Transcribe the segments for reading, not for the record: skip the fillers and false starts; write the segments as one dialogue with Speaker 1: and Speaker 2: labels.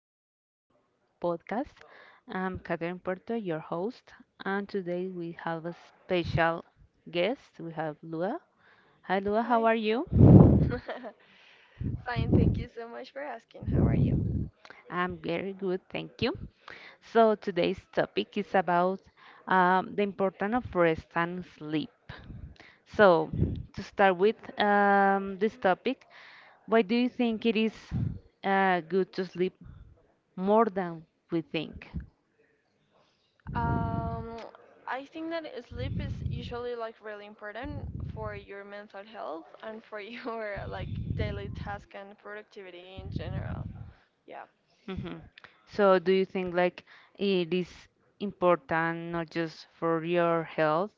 Speaker 1: this daily podcast. I'm Catherine Puerto, your host, and today we have a special guest. We have Lua. Hi, Lua, how
Speaker 2: Hi.
Speaker 1: are you?
Speaker 2: Fine, thank you so much for asking. How are you?
Speaker 1: I'm very good, thank you. So, today's topic is about the importance of rest and sleep. So, to start with this topic, why do you think it is good to sleep more than we think?
Speaker 2: Um, I think that sleep is usually like really important for your mental health and for your like daily task and productivity in general. Yeah.
Speaker 1: Hmm. So, do you think like it is important not just for your health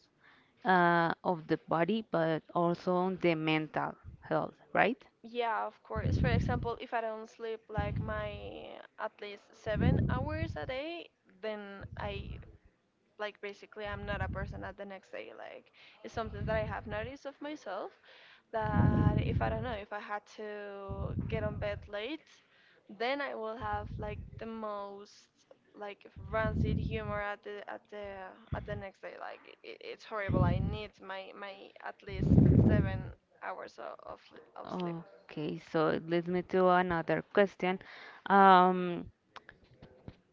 Speaker 1: of the body, but also on the mental health, right?
Speaker 2: Yeah, of course. For example, if I don't sleep like my at least 7 hours a day, then I basically I'm not a person at the next day. Like it's something that I have noticed of myself. That if I don't know, if I had to get on bed late, then I will have like the most like rancid humor at the next day. Like it's horrible. I need my at least 7 hours of sleep.
Speaker 1: Okay, so it leads me to another question. Um,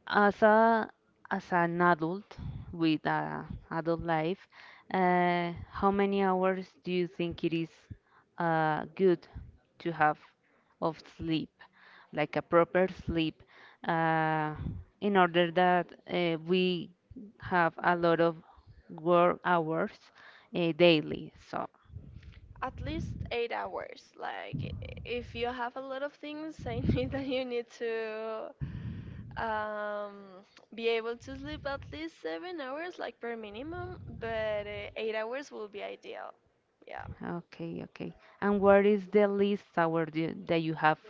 Speaker 1: as a as an adult with a adult life, how many hours do you think it is good to have of sleep, like a proper sleep, uh, in order that we have a lot of work hours daily? So,
Speaker 2: At least 8 hours. Like if you have a lot of things, I need that you need to um, be able to sleep at least 7 hours, like per minimum, but 8 hours will be ideal. Yeah.
Speaker 1: okay, okay. And where is the least hour do, that you have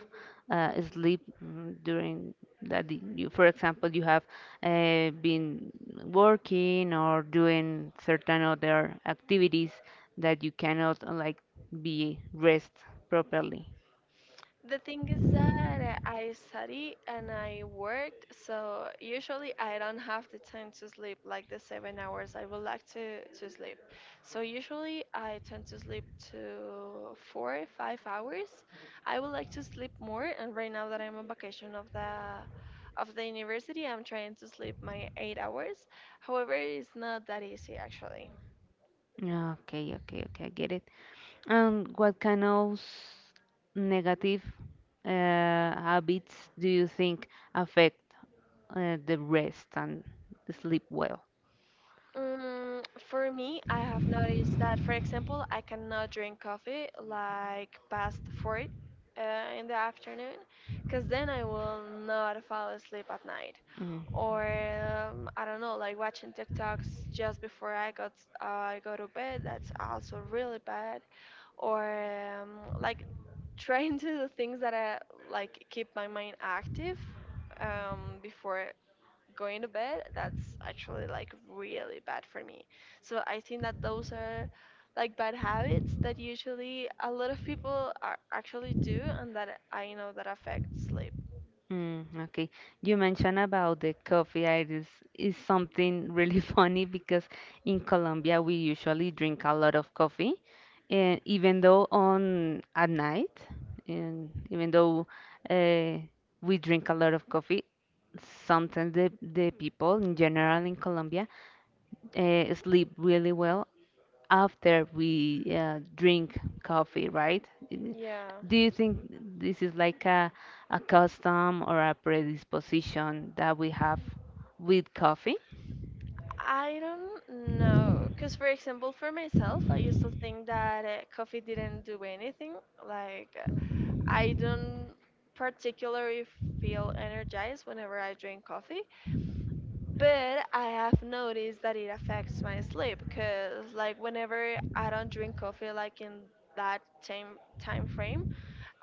Speaker 1: sleep during that you, for example, you have been working or doing certain other activities that you cannot like be rest properly.
Speaker 2: The thing is that I study and I worked, so usually I don't have the time to sleep like the 7 hours I would like to sleep. So usually I tend to sleep to four, 5 hours. I would like to sleep more, and right now that I'm on vacation of the university, I'm trying to sleep my 8 hours. However, it's not that easy actually.
Speaker 1: Okay, okay, okay, I get it. And what kind of negative habits do you think affect the rest and sleep well?
Speaker 2: For me, I have noticed that, for example, I cannot drink coffee like past four uh, in the afternoon, because then I will not fall asleep at night.
Speaker 1: Mm.
Speaker 2: Or I don't know, like watching TikToks just before I go to bed. That's also really bad. Or like trying to do things that I like keep my mind active before going to bed, that's actually like really bad for me. So I think that those are like bad habits that usually a lot of people are actually do and that I know that affects sleep.
Speaker 1: Mm, okay. You mentioned about the coffee. It is something really funny because in Colombia we usually drink a lot of coffee, and even though on at night, and even though uh, we drink a lot of coffee, sometimes the people in general in Colombia sleep really well after we drink coffee, right? I-
Speaker 2: Yeah.
Speaker 1: Do you think this is like a custom or a predisposition that we have with coffee?
Speaker 2: I don't know. Because, for example, for myself, I used to think that coffee didn't do anything. Like, I don't particularly feel energized whenever I drink coffee. But I have noticed that it affects my sleep because, like, whenever I don't drink coffee, like in that time frame,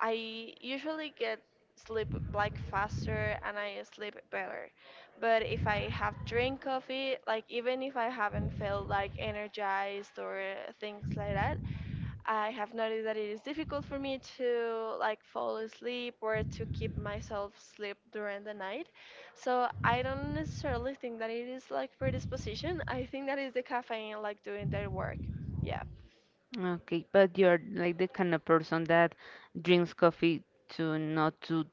Speaker 2: I usually get sleep like faster and I sleep better. But if I have drink coffee, like even if I haven't felt like energized or things like that, I have noticed that it is difficult for me to like fall asleep or to keep myself asleep during the night. So I don't necessarily think that it is like predisposition. I think that is the caffeine like doing their work. Yeah.
Speaker 1: Okay, but you're like the kind of person that drinks coffee to not to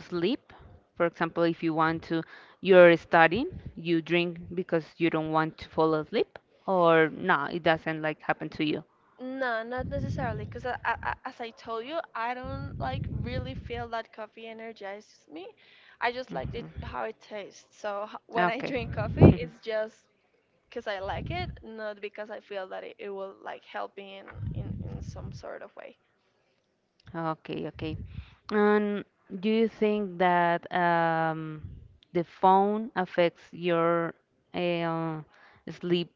Speaker 1: sleep. For example, if you want to, you're studying, you drink because you don't want to fall asleep, or no, it doesn't like happen to you.
Speaker 2: No, not necessarily, because as I told you, I don't like really feel that coffee energizes me. I just liked it how it tastes. So when I
Speaker 1: Okay.
Speaker 2: drink coffee, it's just because I like it, not because I feel that it will like help me in some sort of way.
Speaker 1: Okay, okay. And do you think that the phone affects your uh, sleep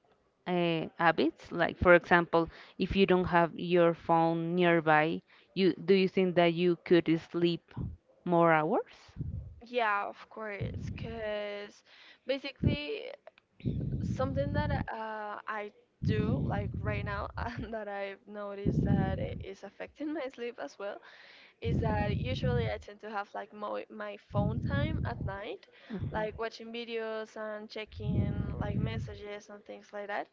Speaker 1: habits? Like, for example, if you don't have your phone nearby, you do you think that you could sleep more hours?
Speaker 2: Yeah, of course, because basically something that I do like right now and that I've noticed that it is affecting my sleep as well is that usually I tend to have like my phone time at night,
Speaker 1: Mhm.
Speaker 2: like watching videos and checking like messages and things like that.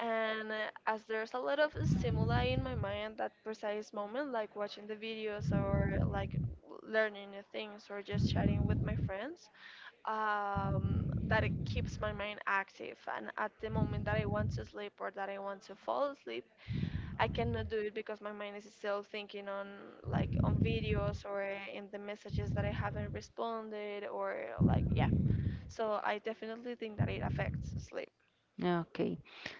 Speaker 2: And as there's a lot of stimuli in my mind that precise moment, like watching the videos or like learning new things or just chatting with my friends, um, that it keeps my mind active. And at the moment that I want to sleep or that I want to fall asleep, I cannot do it because my mind is still thinking on like on videos or in the messages that I haven't responded or like yeah. So I definitely think that it affects sleep.
Speaker 1: Okay.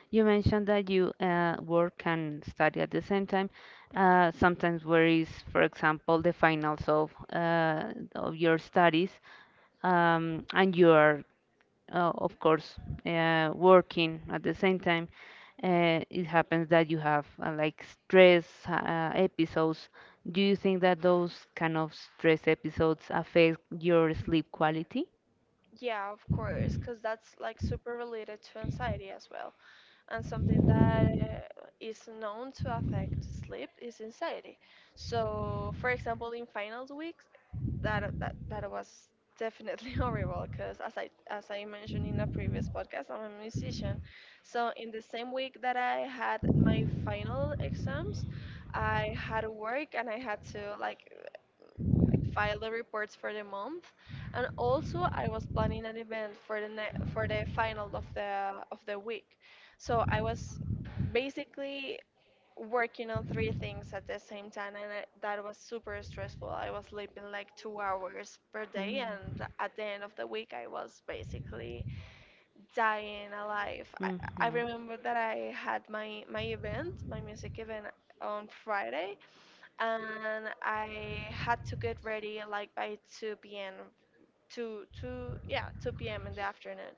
Speaker 1: You mentioned that you work and study at the same time. Sometimes where is, for example, the finals of your studies, and you are, of course, working at the same time. It happens that you have like stress episodes. Do you think that those kind of stress episodes affect your sleep quality?
Speaker 2: Yeah, of course, because that's like super related to anxiety as well. And something that is known to affect sleep is anxiety. So, for example, in finals weeks, that was definitely horrible because as I mentioned in a previous podcast, I'm a musician. So in the same week that I had my final exams, I had work and I had to like file the reports for the month, and also I was planning an event for for the final of the week. So I was basically working on three things at the same time, and that was super stressful. I was sleeping like 2 hours per day, and at the end of the week I was basically dying alive.
Speaker 1: I Mm-hmm.
Speaker 2: I remember that I had my event, my music event on Friday, and I had to get ready like by 2 p.m. 2, two yeah 2 p.m. in the afternoon,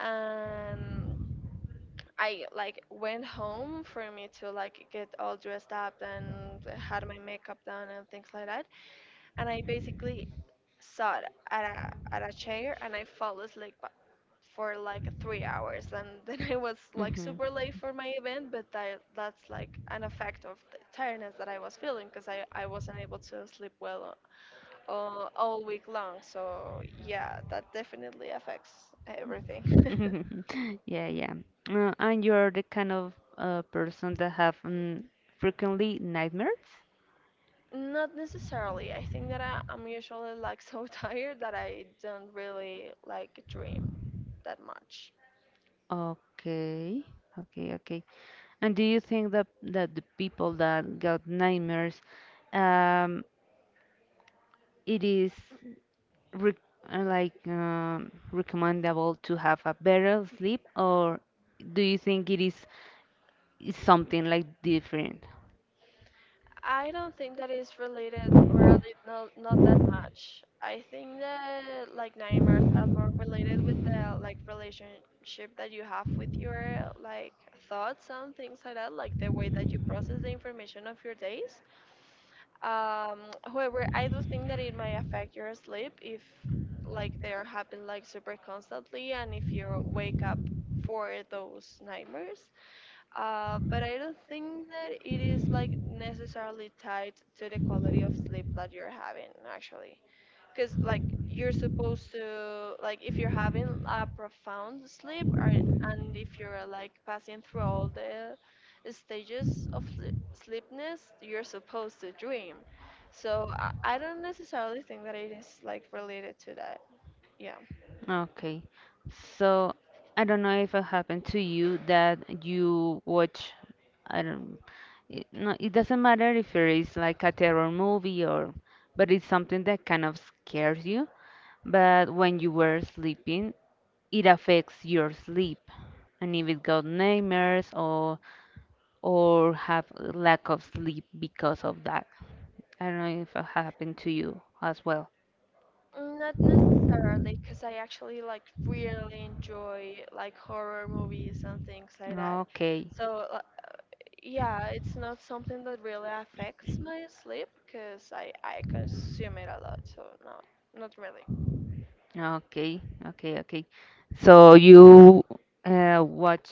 Speaker 2: and I like went home for me to like get all dressed up and had my makeup done and things like that, and I basically sat at a chair and I fell asleep for like 3 hours, and then I was like super late for my event. But that's like an effect of the tiredness that I was feeling because I wasn't able to sleep well all week long. So yeah, that definitely affects everything.
Speaker 1: to rest. Yeah, yeah. And you're the kind of person that have frequently nightmares?
Speaker 2: Not necessarily. I think that I'm usually like so tired that I don't really like dream that much.
Speaker 1: Okay, okay, okay. And do you think that the people that got nightmares, um, it is re like recommendable to have a better sleep, or do you think it is something like different?
Speaker 2: I don't think that is related, or at least not that much. I think that like nightmares are more related with the like relationship that you have with your like thoughts and things like that, like the way that you process the information of your days. Um, However, I do think that it might affect your sleep if like they're happening like super constantly and if you wake up for those nightmares. But I don't think that it is like necessarily tied to the quality of sleep that you're having actually. Because like you're supposed to like if you're having a profound sleep or and if you're like passing through all the stages of sleepness, you're supposed to dream. So I don't necessarily think that it is like related to that. Yeah.
Speaker 1: Okay. So I don't know if it happened to you that you watch, I don't, it, no, it doesn't matter if it is like a terror movie or, but it's something that kind of scares you. But when you were sleeping, it affects your sleep. And if it got nightmares or have lack of sleep because of that. I don't know if it happened to you as well.
Speaker 2: Mm, not necessarily, because I actually like really enjoy like horror movies and things like that.
Speaker 1: Okay,
Speaker 2: So yeah, it's not something that really affects my sleep because I consume it a lot. So no, not really.
Speaker 1: okay, okay, okay. So you watch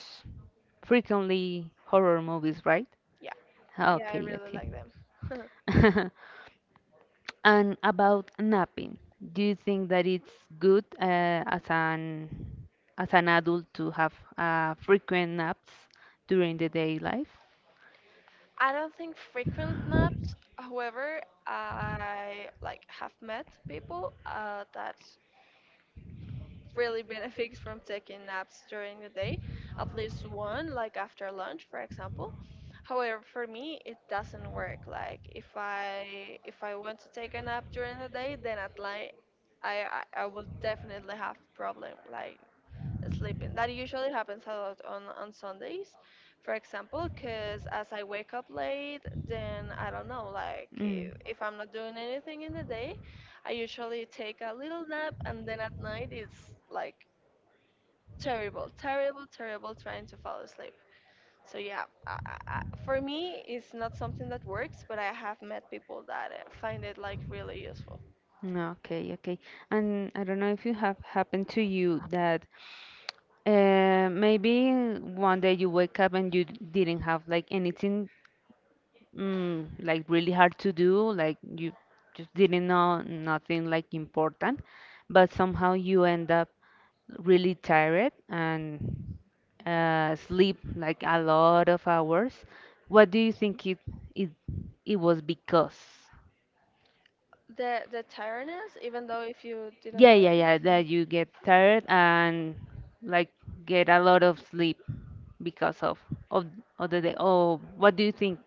Speaker 1: frequently horror movies, right?
Speaker 2: Yeah, yeah, I
Speaker 1: Okay,
Speaker 2: really
Speaker 1: okay.
Speaker 2: like them.
Speaker 1: And about napping, do you think that it's good as an adult to have frequent naps during the day life?
Speaker 2: I don't think frequent naps. However, I like have met people that really benefits from taking naps during the day, at least one, like after lunch, for example. However, for me, it doesn't work. Like if I want to take a nap during the day, then at night I will definitely have problem. Like sleeping. That usually happens a lot on Sundays, for example, because as I wake up late, then I don't know, like if I'm not doing anything in the day, I usually take a little nap, and then at night it's like terrible, terrible, terrible trying to fall asleep. So yeah, for me, it's not something that works, but I have met people that find it like really useful.
Speaker 1: No, okay, okay. And I don't know if you have happened to you that maybe one day you wake up and you didn't have like anything like really hard to do, like you just didn't know nothing like important, but somehow you end up really tired and sleep like a lot of hours. What do you think it it was because?
Speaker 2: The tiredness, even though if you didn't
Speaker 1: Yeah,
Speaker 2: do
Speaker 1: yeah, yeah,
Speaker 2: it,
Speaker 1: that you get tired and like get a lot of sleep because of, of the day. Oh, what do you think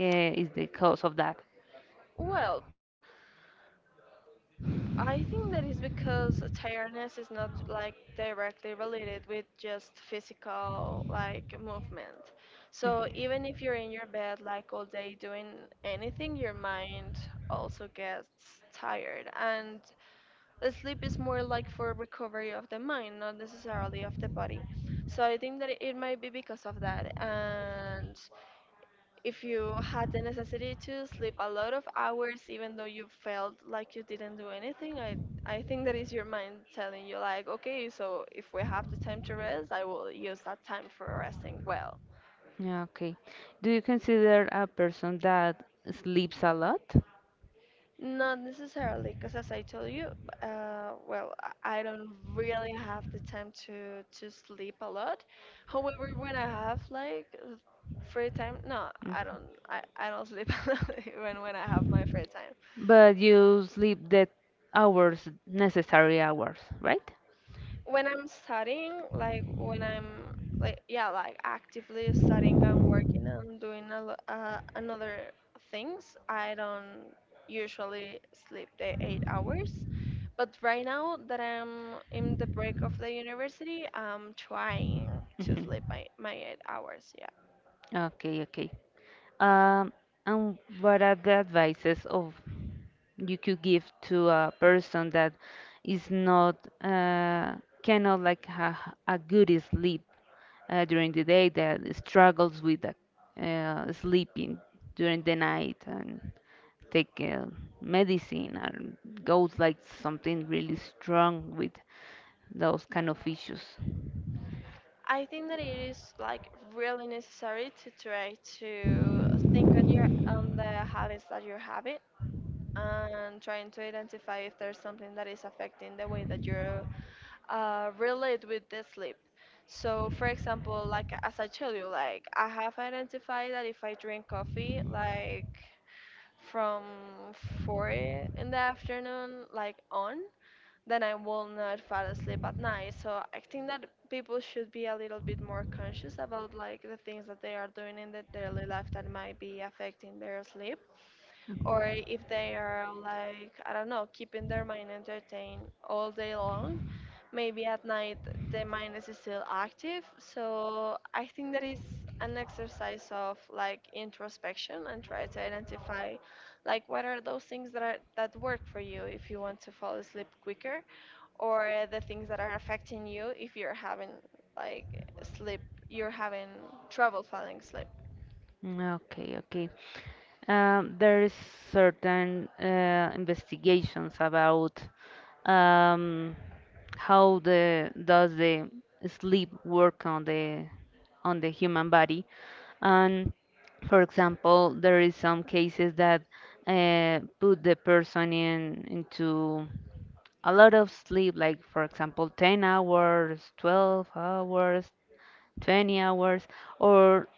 Speaker 1: uh, is the cause of that?
Speaker 2: well, I think that is because tiredness is not like directly related with just physical like movement. So even if you're in your bed like all day doing anything, your mind also gets tired. And the sleep is more like for recovery of the mind, not necessarily of the body. So I think that it might be because of that. And if you had the necessity to sleep a lot of hours even though you felt like you didn't do anything, I think that is your mind telling you, like, okay, so if we have the time to rest, I will use that time for resting well.
Speaker 1: Yeah, okay. Do you consider a person that sleeps a lot?
Speaker 2: Not necessarily, because as I told you, well, I don't really have the time to sleep a lot. However, when I have like free time, no,
Speaker 1: Mhm.
Speaker 2: I don't. I don't sleep a lot when I have my free time.
Speaker 1: But you sleep the hours, necessary hours, right?
Speaker 2: When I'm studying, like when I'm like yeah, like actively studying and working and doing another things, I don't usually sleep the 8 hours. But right now that I'm in the break of the university, I'm trying to
Speaker 1: Hmm.
Speaker 2: sleep my 8 hours. Yeah.
Speaker 1: Yeah. Okay, okay. Um, and what are the advices of? You could give to a person that is not uh, cannot like have a good sleep during the day that struggles with sleeping during the night and take medicine and goes like something really strong with those kind of issues.
Speaker 2: I think that it is like really necessary to try to think on your on the habits that you have and trying to identify if there's something that is affecting the way that you relate with the sleep. So, for example, like as I tell you, like I have identified that if I drink coffee, like from 4 in the afternoon, like on, then I will not fall asleep at night. So I think that people should be a little bit more conscious about like the things that they are doing in their daily life that might be affecting their sleep, or if they are, like, I don't know, keeping their mind entertained all day long. Maybe at night the mind is still active. So I think that is an exercise of like introspection and try to identify like what are those things that are that work for you if you want to fall asleep quicker, or the things that are affecting you if you're having like sleep you're having trouble falling asleep.
Speaker 1: Mm, okay, okay. There is certain investigations about um, how the does the sleep work on the human body, and for example, there is some cases that put the person in into a lot of sleep, like for example, 10 hours, 12 hours, 20 hours or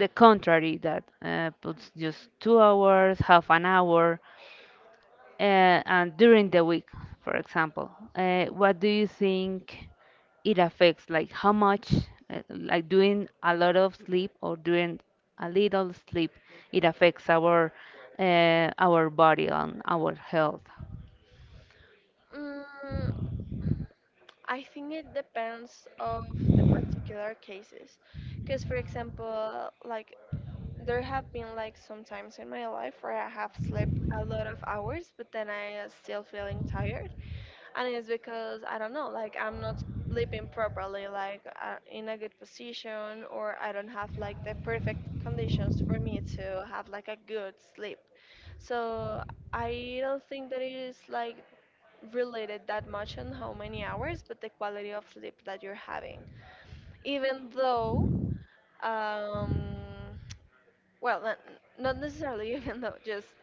Speaker 1: the contrary that puts just 2 hours half an hour, uh, and during the week, for example, what do you think it affects, like how much like doing a lot of sleep or doing a little sleep, it affects our body and our health.
Speaker 2: Mm, I think it depends of the particular cases, because for example, like there have been like some times in my life where I have slept a lot of hours, but then I am still feeling tired, and it's because I don't know, like I'm not sleeping properly, like in a good position, or I don't have like the perfect conditions for me to have like a good sleep. So I don't think that it is like related that much on how many hours, but the quality of sleep that you're having. Even though, um, well, not necessarily even though, just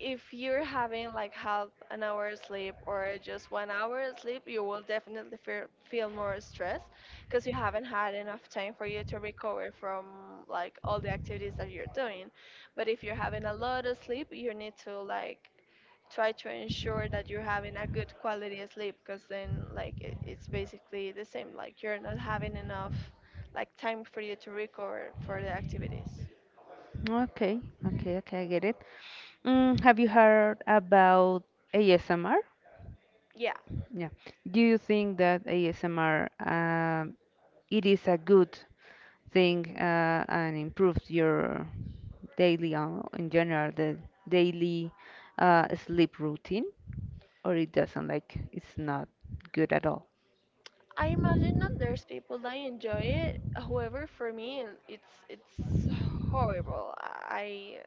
Speaker 2: if you're having like half an hour sleep or just 1 hour sleep, you will definitely feel more stress because you haven't had enough time for you to recover from like all the activities that you're doing. But if you're having a lot of sleep, you need to like try to ensure that you're having a good quality of sleep, because then like it's basically the same, like you're not having enough like time for you to recover for the activities.
Speaker 1: Okay, okay, okay, I get it. Have you heard about ASMR?
Speaker 2: Yeah.
Speaker 1: Yeah. Do you think that ASMR it is a good thing and improves your daily, in general the daily sleep routine, or it doesn't like, it's not good at all?
Speaker 2: I imagine that there's people that enjoy it. However, for me, it's horrible. I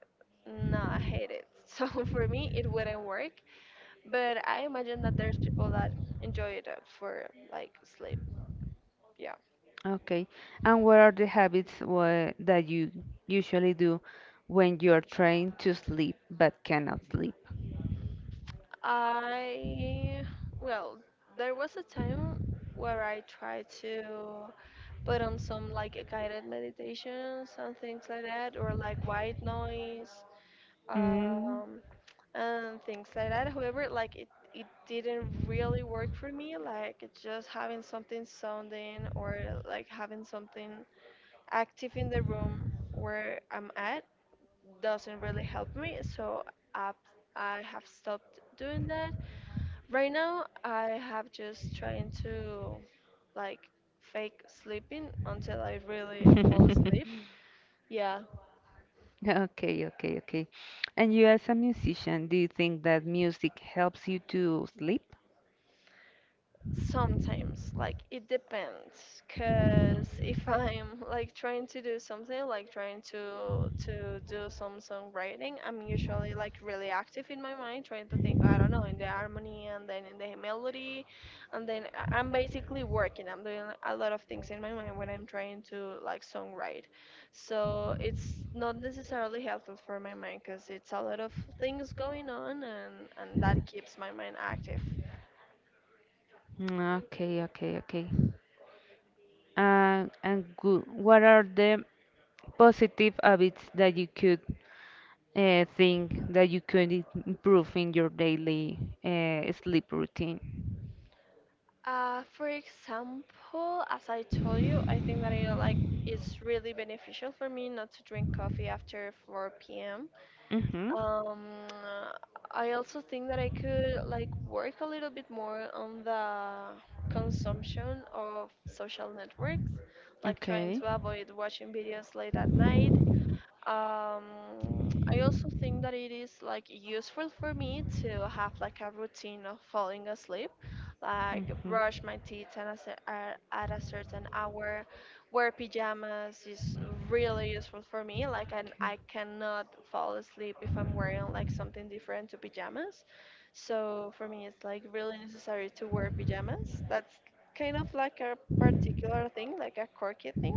Speaker 2: not hate it. So for me, it wouldn't work. But I imagine that there's people that enjoy it for like sleep. Yeah.
Speaker 1: Okay. And what are the habits that you usually do when you're trying to sleep but cannot sleep?
Speaker 2: I well, there was a time where I tried to put on some like guided meditations and things like that, or like white noise.
Speaker 1: Mm.
Speaker 2: Um, and things like that. However, like it didn't really work for me. Like just having something sounding or like having something active in the room where I'm at doesn't really help me. So I, I have stopped doing that. Right now, I have just trying to like fake sleeping until I really fall asleep. Yeah.
Speaker 1: Okay, okay, okay. And you, as a musician, do you think that music helps you to sleep?
Speaker 2: Sometimes, like it depends, cause if I'm like trying to do something, like trying to do some songwriting, I'm usually like really active in my mind, trying to think, I don't know, in the harmony and then in the melody, and then I'm basically working. I'm doing a lot of things in my mind when I'm trying to like songwrite. So it's not necessarily helpful for my mind, cause it's a lot of things going on, and that keeps my mind active.
Speaker 1: Mm, okay, okay, okay. And good. What are the positive habits that you could think that you could improve in your daily sleep routine?
Speaker 2: For example, as I told you, I think that it like is really beneficial for me not to drink coffee after 4 p.m.
Speaker 1: Mm-hmm.
Speaker 2: Um, I also think that I could like work a little bit more on the consumption of social networks, like trying
Speaker 1: Okay.
Speaker 2: to avoid watching videos late at night. um, I also think that it is like useful for me to have like a routine of falling asleep, like
Speaker 1: Mm-hmm.
Speaker 2: brush my teeth at a certain hour. Wear pajamas is really useful for me. Like, and
Speaker 1: Okay.
Speaker 2: I cannot fall asleep if I'm wearing like something different to pajamas. So for me, it's like really necessary to wear pajamas. That's kind of like a particular thing, like a quirky thing,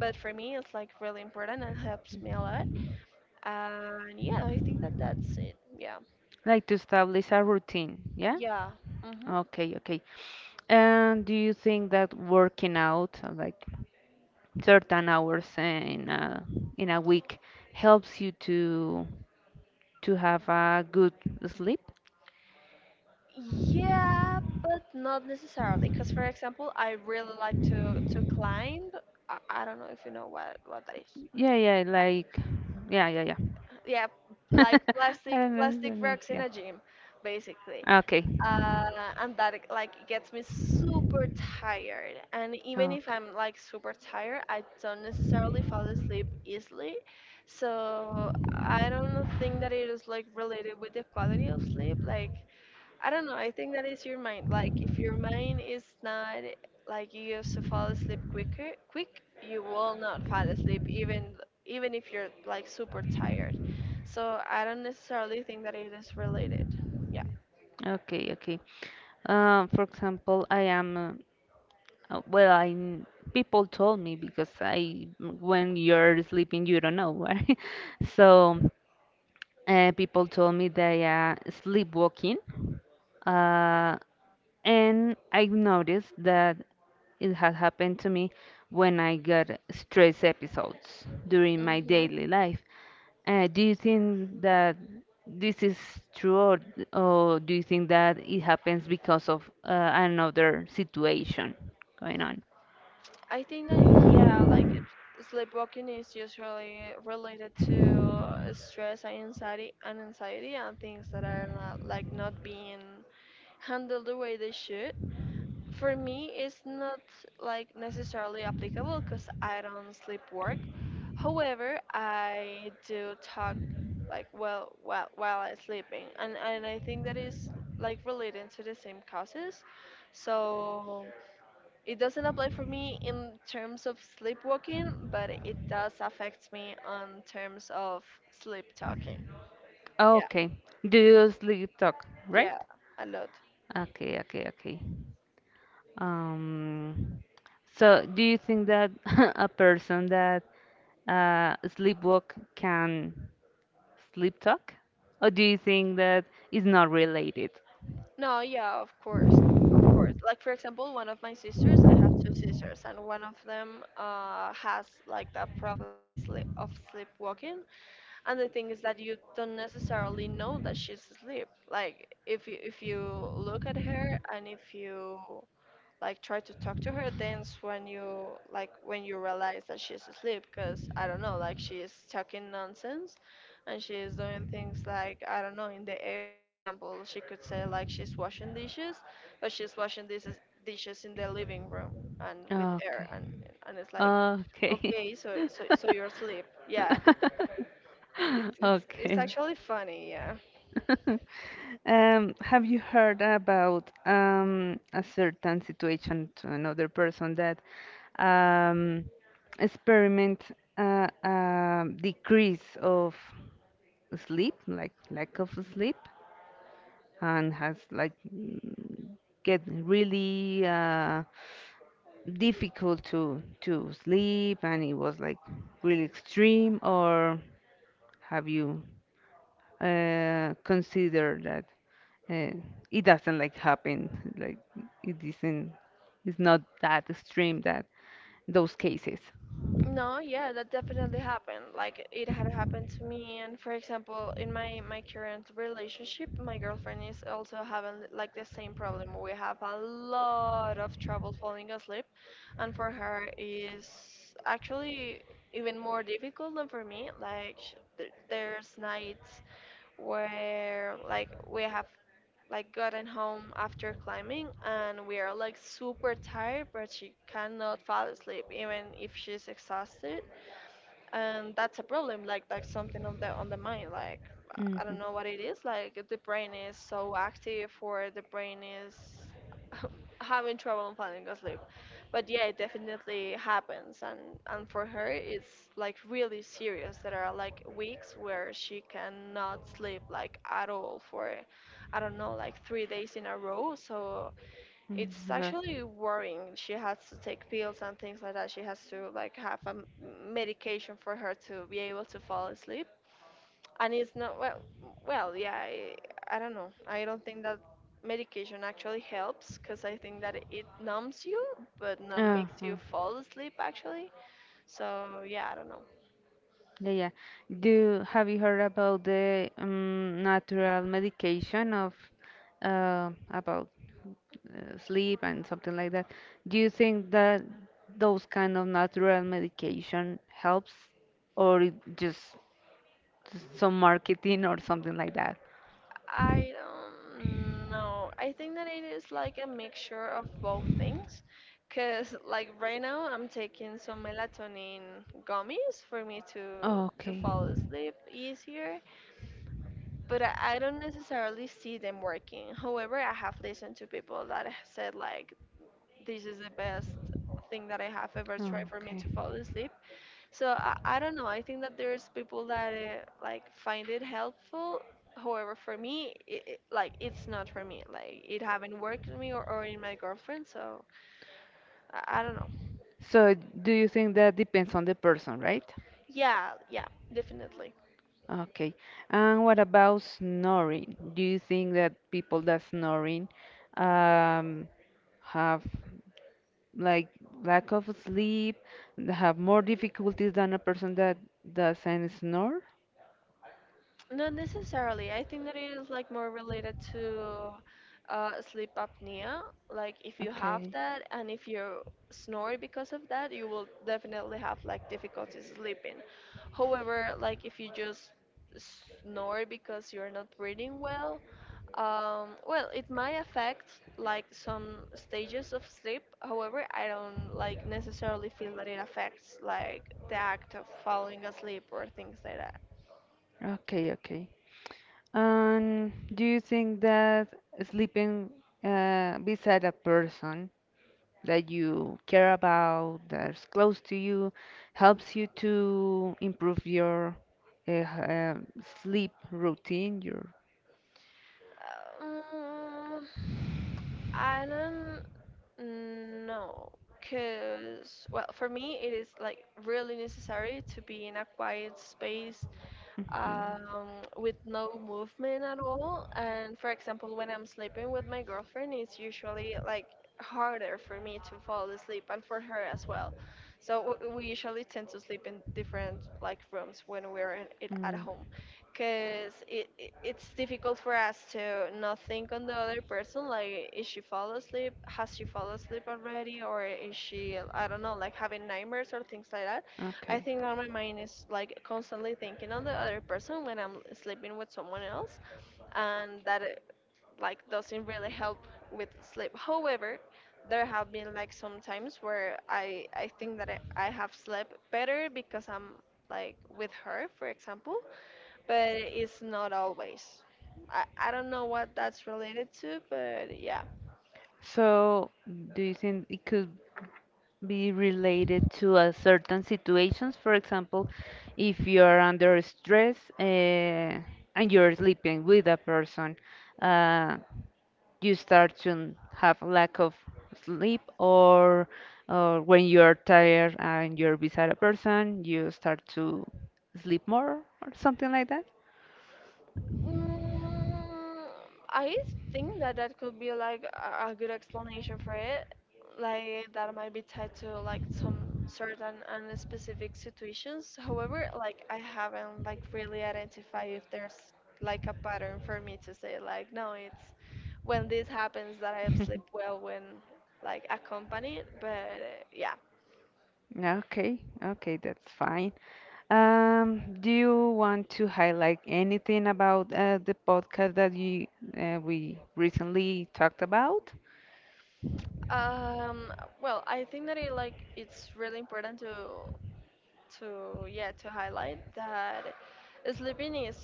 Speaker 2: but for me, it's like really important and helps me a lot. And yeah, I think that that's it. Yeah.
Speaker 1: Like to establish a routine, yeah?
Speaker 2: Yeah. Hmm.
Speaker 1: Okay, okay. And do you think that working out like certain hours in a week helps you to have a good sleep?
Speaker 2: Yeah, but not necessarily. Because for example, I really like to climb. I don't know if you know what that is.
Speaker 1: Yeah, yeah, like yeah, yeah, yeah.
Speaker 2: Yeah, like
Speaker 1: I
Speaker 2: plastic
Speaker 1: don't know, I
Speaker 2: plastic
Speaker 1: don't know.
Speaker 2: rocks in
Speaker 1: Yeah.
Speaker 2: a gym, basically.
Speaker 1: Okay.
Speaker 2: Uh, and that it, like gets me super tired. And even if
Speaker 1: Okay,
Speaker 2: I'm like super tired, I don't necessarily fall asleep easily. So I don't think that it is like related with the quality of sleep. Like I don't know. I think that is your mind. Like if your mind is not like you used to fall asleep quicker, you will not fall asleep even if you're like super tired. So I don't necessarily think that it is related. Yeah.
Speaker 1: okay, okay. For example, well, people told me because I, when you're sleeping, you don't know, right? So, people told me they are sleepwalking. Uh, And I've noticed that it has happened to me when I got stress episodes during my
Speaker 2: Mm-hmm.
Speaker 1: daily life. Do you think that this is true, or do you think that it happens because of another situation going on?
Speaker 2: I think that yeah, like it, sleepwalking is usually related to stress and anxiety and things that are not, like not being handled the way they should. For me it's not like necessarily applicable, because I don't sleep work. However, I do talk, like, well, while I'm sleeping, and I think that is like relating to the same causes. So it doesn't apply for me in terms of sleepwalking, but it does affect me on terms of sleep talking. Yeah.
Speaker 1: Okay. Do you sleep talk, right?
Speaker 2: Yeah, a lot.
Speaker 1: Okay, okay, okay. Um, so, do you think that a person that sleepwalk can sleep talk? Or do you think that it's not related?
Speaker 2: No, yeah, of course. Of course, like for example, one of my sisters, I have two sisters, and one of them has like that problem of sleepwalking. And the thing is that you don't necessarily know that she's asleep. Like if you look at her, and if you like try to talk to her dance when you like when you realize that she's asleep, because I don't know, like she is talking nonsense and she's doing things like, I don't know, in the air. For example, she could say like she's washing dishes, but she's washing dishes in the living room and with air.
Speaker 1: Okay.
Speaker 2: And it's like,
Speaker 1: Okay.
Speaker 2: okay, so so so you're asleep. Yeah, it's
Speaker 1: Okay.
Speaker 2: actually funny. Yeah.
Speaker 1: Have you heard about a certain situation to another person that um, experiment decrease of sleep, like lack of sleep, and has like get really difficult to sleep, and it was like really extreme. Or have you considered that uh, it doesn't like happen, like it isn't, it's not that extreme that those cases.
Speaker 2: No, yeah, that definitely happened. Like it had happened to me, and for example, in my current relationship, my girlfriend is also having like the same problem. We have a lot of trouble falling asleep, and for her is actually even more difficult than for me. Like there's nights where like we have like gotten home after climbing and we are like super tired, but she cannot fall asleep even if she's exhausted. And that's a problem, like that's something on the mind. Like I
Speaker 1: Hmm.
Speaker 2: don't know what it is, like the brain is so active, or the brain is having trouble falling asleep. But yeah, it definitely happens. And for her it's like really serious. There are like weeks where she cannot sleep like at all for I don't know like 3 days in a row, so it's actually worrying. She has to take pills and things like that. She has to like have a medication for her to be able to fall asleep. And it's not well, yeah, I don't know. I don't think that medication actually helps because I think that it numbs you, but not makes you
Speaker 1: Uh-huh.
Speaker 2: fall asleep actually. So yeah, I don't know.
Speaker 1: Yeah, yeah. Do Have you heard about the natural medication of, about sleep and something like that. Do you think that those kind of natural medication helps, or it just some marketing or something like that?
Speaker 2: I don't know. I think that it is like a mixture of both things. Cause like right now I'm taking some melatonin gummies for me to
Speaker 1: Okay.
Speaker 2: fall asleep easier, but I don't necessarily see them working. However, I have listened to people that have said like this is the best thing that I have ever tried for me
Speaker 1: Okay.
Speaker 2: to fall asleep, so I don't know. I think that there's people that like find it helpful. However, for me, like it's not for me. Like it haven't worked in me, or in my girlfriend. So I don't know.
Speaker 1: So do you think that depends on the person, right?
Speaker 2: Yeah, yeah, definitely.
Speaker 1: Okay. And what about snoring? Do you think that people that snoring um, have like lack of sleep, they have more difficulties than a person that doesn't snore?
Speaker 2: Not necessarily. I think that it is like more related to sleep apnea. Like if you have
Speaker 1: Okay.
Speaker 2: that and if you snore because of that, you will definitely have like difficulties sleeping. However, like if you just snore because you're not breathing well, well, it might affect like some stages of sleep. However, I don't like necessarily feel that it affects like the act of falling asleep or things like that.
Speaker 1: Okay, okay. And do you think that sleeping beside a person that you care about, that's close to you, helps you to improve your uh, um, sleep routine, your
Speaker 2: Um, I don't know, cause well, for me it is like really necessary to be in a quiet space um, with no movement at all. And for example, when I'm sleeping with my girlfriend, it's usually like harder for me to fall asleep and for her as well. So we usually tend to sleep in different like rooms when we're in, it at
Speaker 1: Mhm.
Speaker 2: home, because it it's difficult for us to not think on the other person. Like, is she fall asleep? Has she fall asleep already? Or is she I don't know, like having nightmares or things like that?
Speaker 1: Mm,
Speaker 2: I
Speaker 1: okay.
Speaker 2: think that my mind is like constantly thinking on the other person when I'm sleeping with someone else, and that it, like doesn't really help with sleep. However, there have been like some times where I think that I have slept better because I'm like with her, for example, but it's not always. I don't know what that's related to, but yeah.
Speaker 1: So, do you think it could be related to a certain situations? For example, if you're under stress and you're sleeping with a person, uh, you start to have lack of sleep, or when you're tired and you're beside a person, you start to sleep more or something like that.
Speaker 2: Mm, I think that that could be like a good explanation for it. Like that might be tied to like some certain and specific situations. However, like I haven't like really identified if there's like a pattern for me to say like, no, it's when this happens that I sleep well when like accompanied. But yeah,
Speaker 1: Okay, okay, that's fine. Do you want to highlight anything about the podcast that you we recently talked about?
Speaker 2: um, well, I think that it like it's really important to yeah, to highlight that sleeping is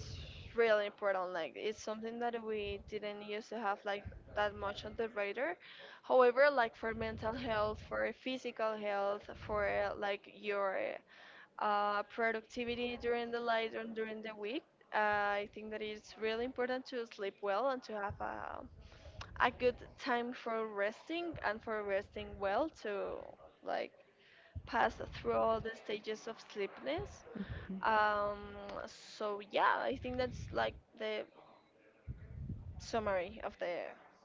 Speaker 2: really important, like it's something that we didn't used to have like that much on the radar. However, like for mental health, for physical health, for like your productivity during the light and during the week, I think that it's really important to sleep well and to have a good time for resting and for resting well to like pass through all the stages of sleepiness. um, so yeah, I think that's like the summary of the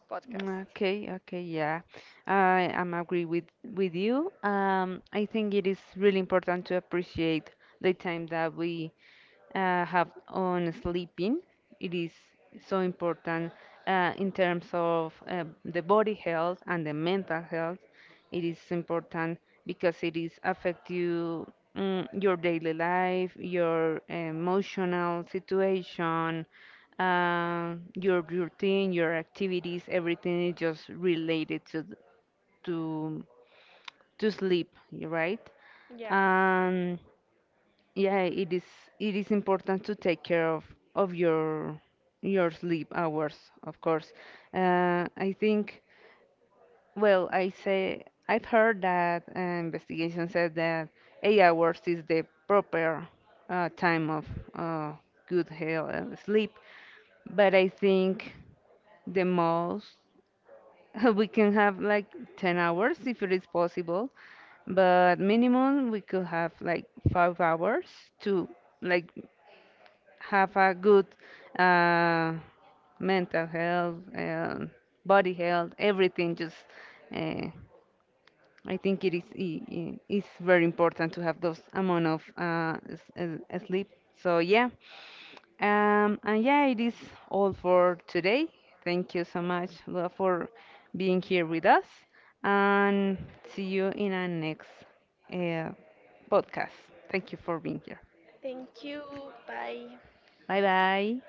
Speaker 2: podcast.
Speaker 1: Okay, okay, yeah. I am agree with you. I think it is really important to appreciate the time that we have on sleeping. It is so important in terms of the body health and the mental health. It is important because it is affect you, your daily life, your emotional situation, your routine, your activities. Everything is just related to to sleep, right?
Speaker 2: Yeah.
Speaker 1: And yeah, it is important to take care of your sleep hours, of course. I think, well, I've heard that investigation says that 8 hours is the proper time of uh, good health and sleep. But I think the most we can have like 10 hours if it is possible, but minimum we could have like 5 hours to like have a good uh, mental health, body health, everything. Just, uh, I think it is very important to have those amount of sleep. So yeah, and yeah, it is all for today. Thank you so much, Lua, for being here with us, and see you in our next uh, podcast. Thank you for being here.
Speaker 2: Thank you. Bye.
Speaker 1: Bye bye.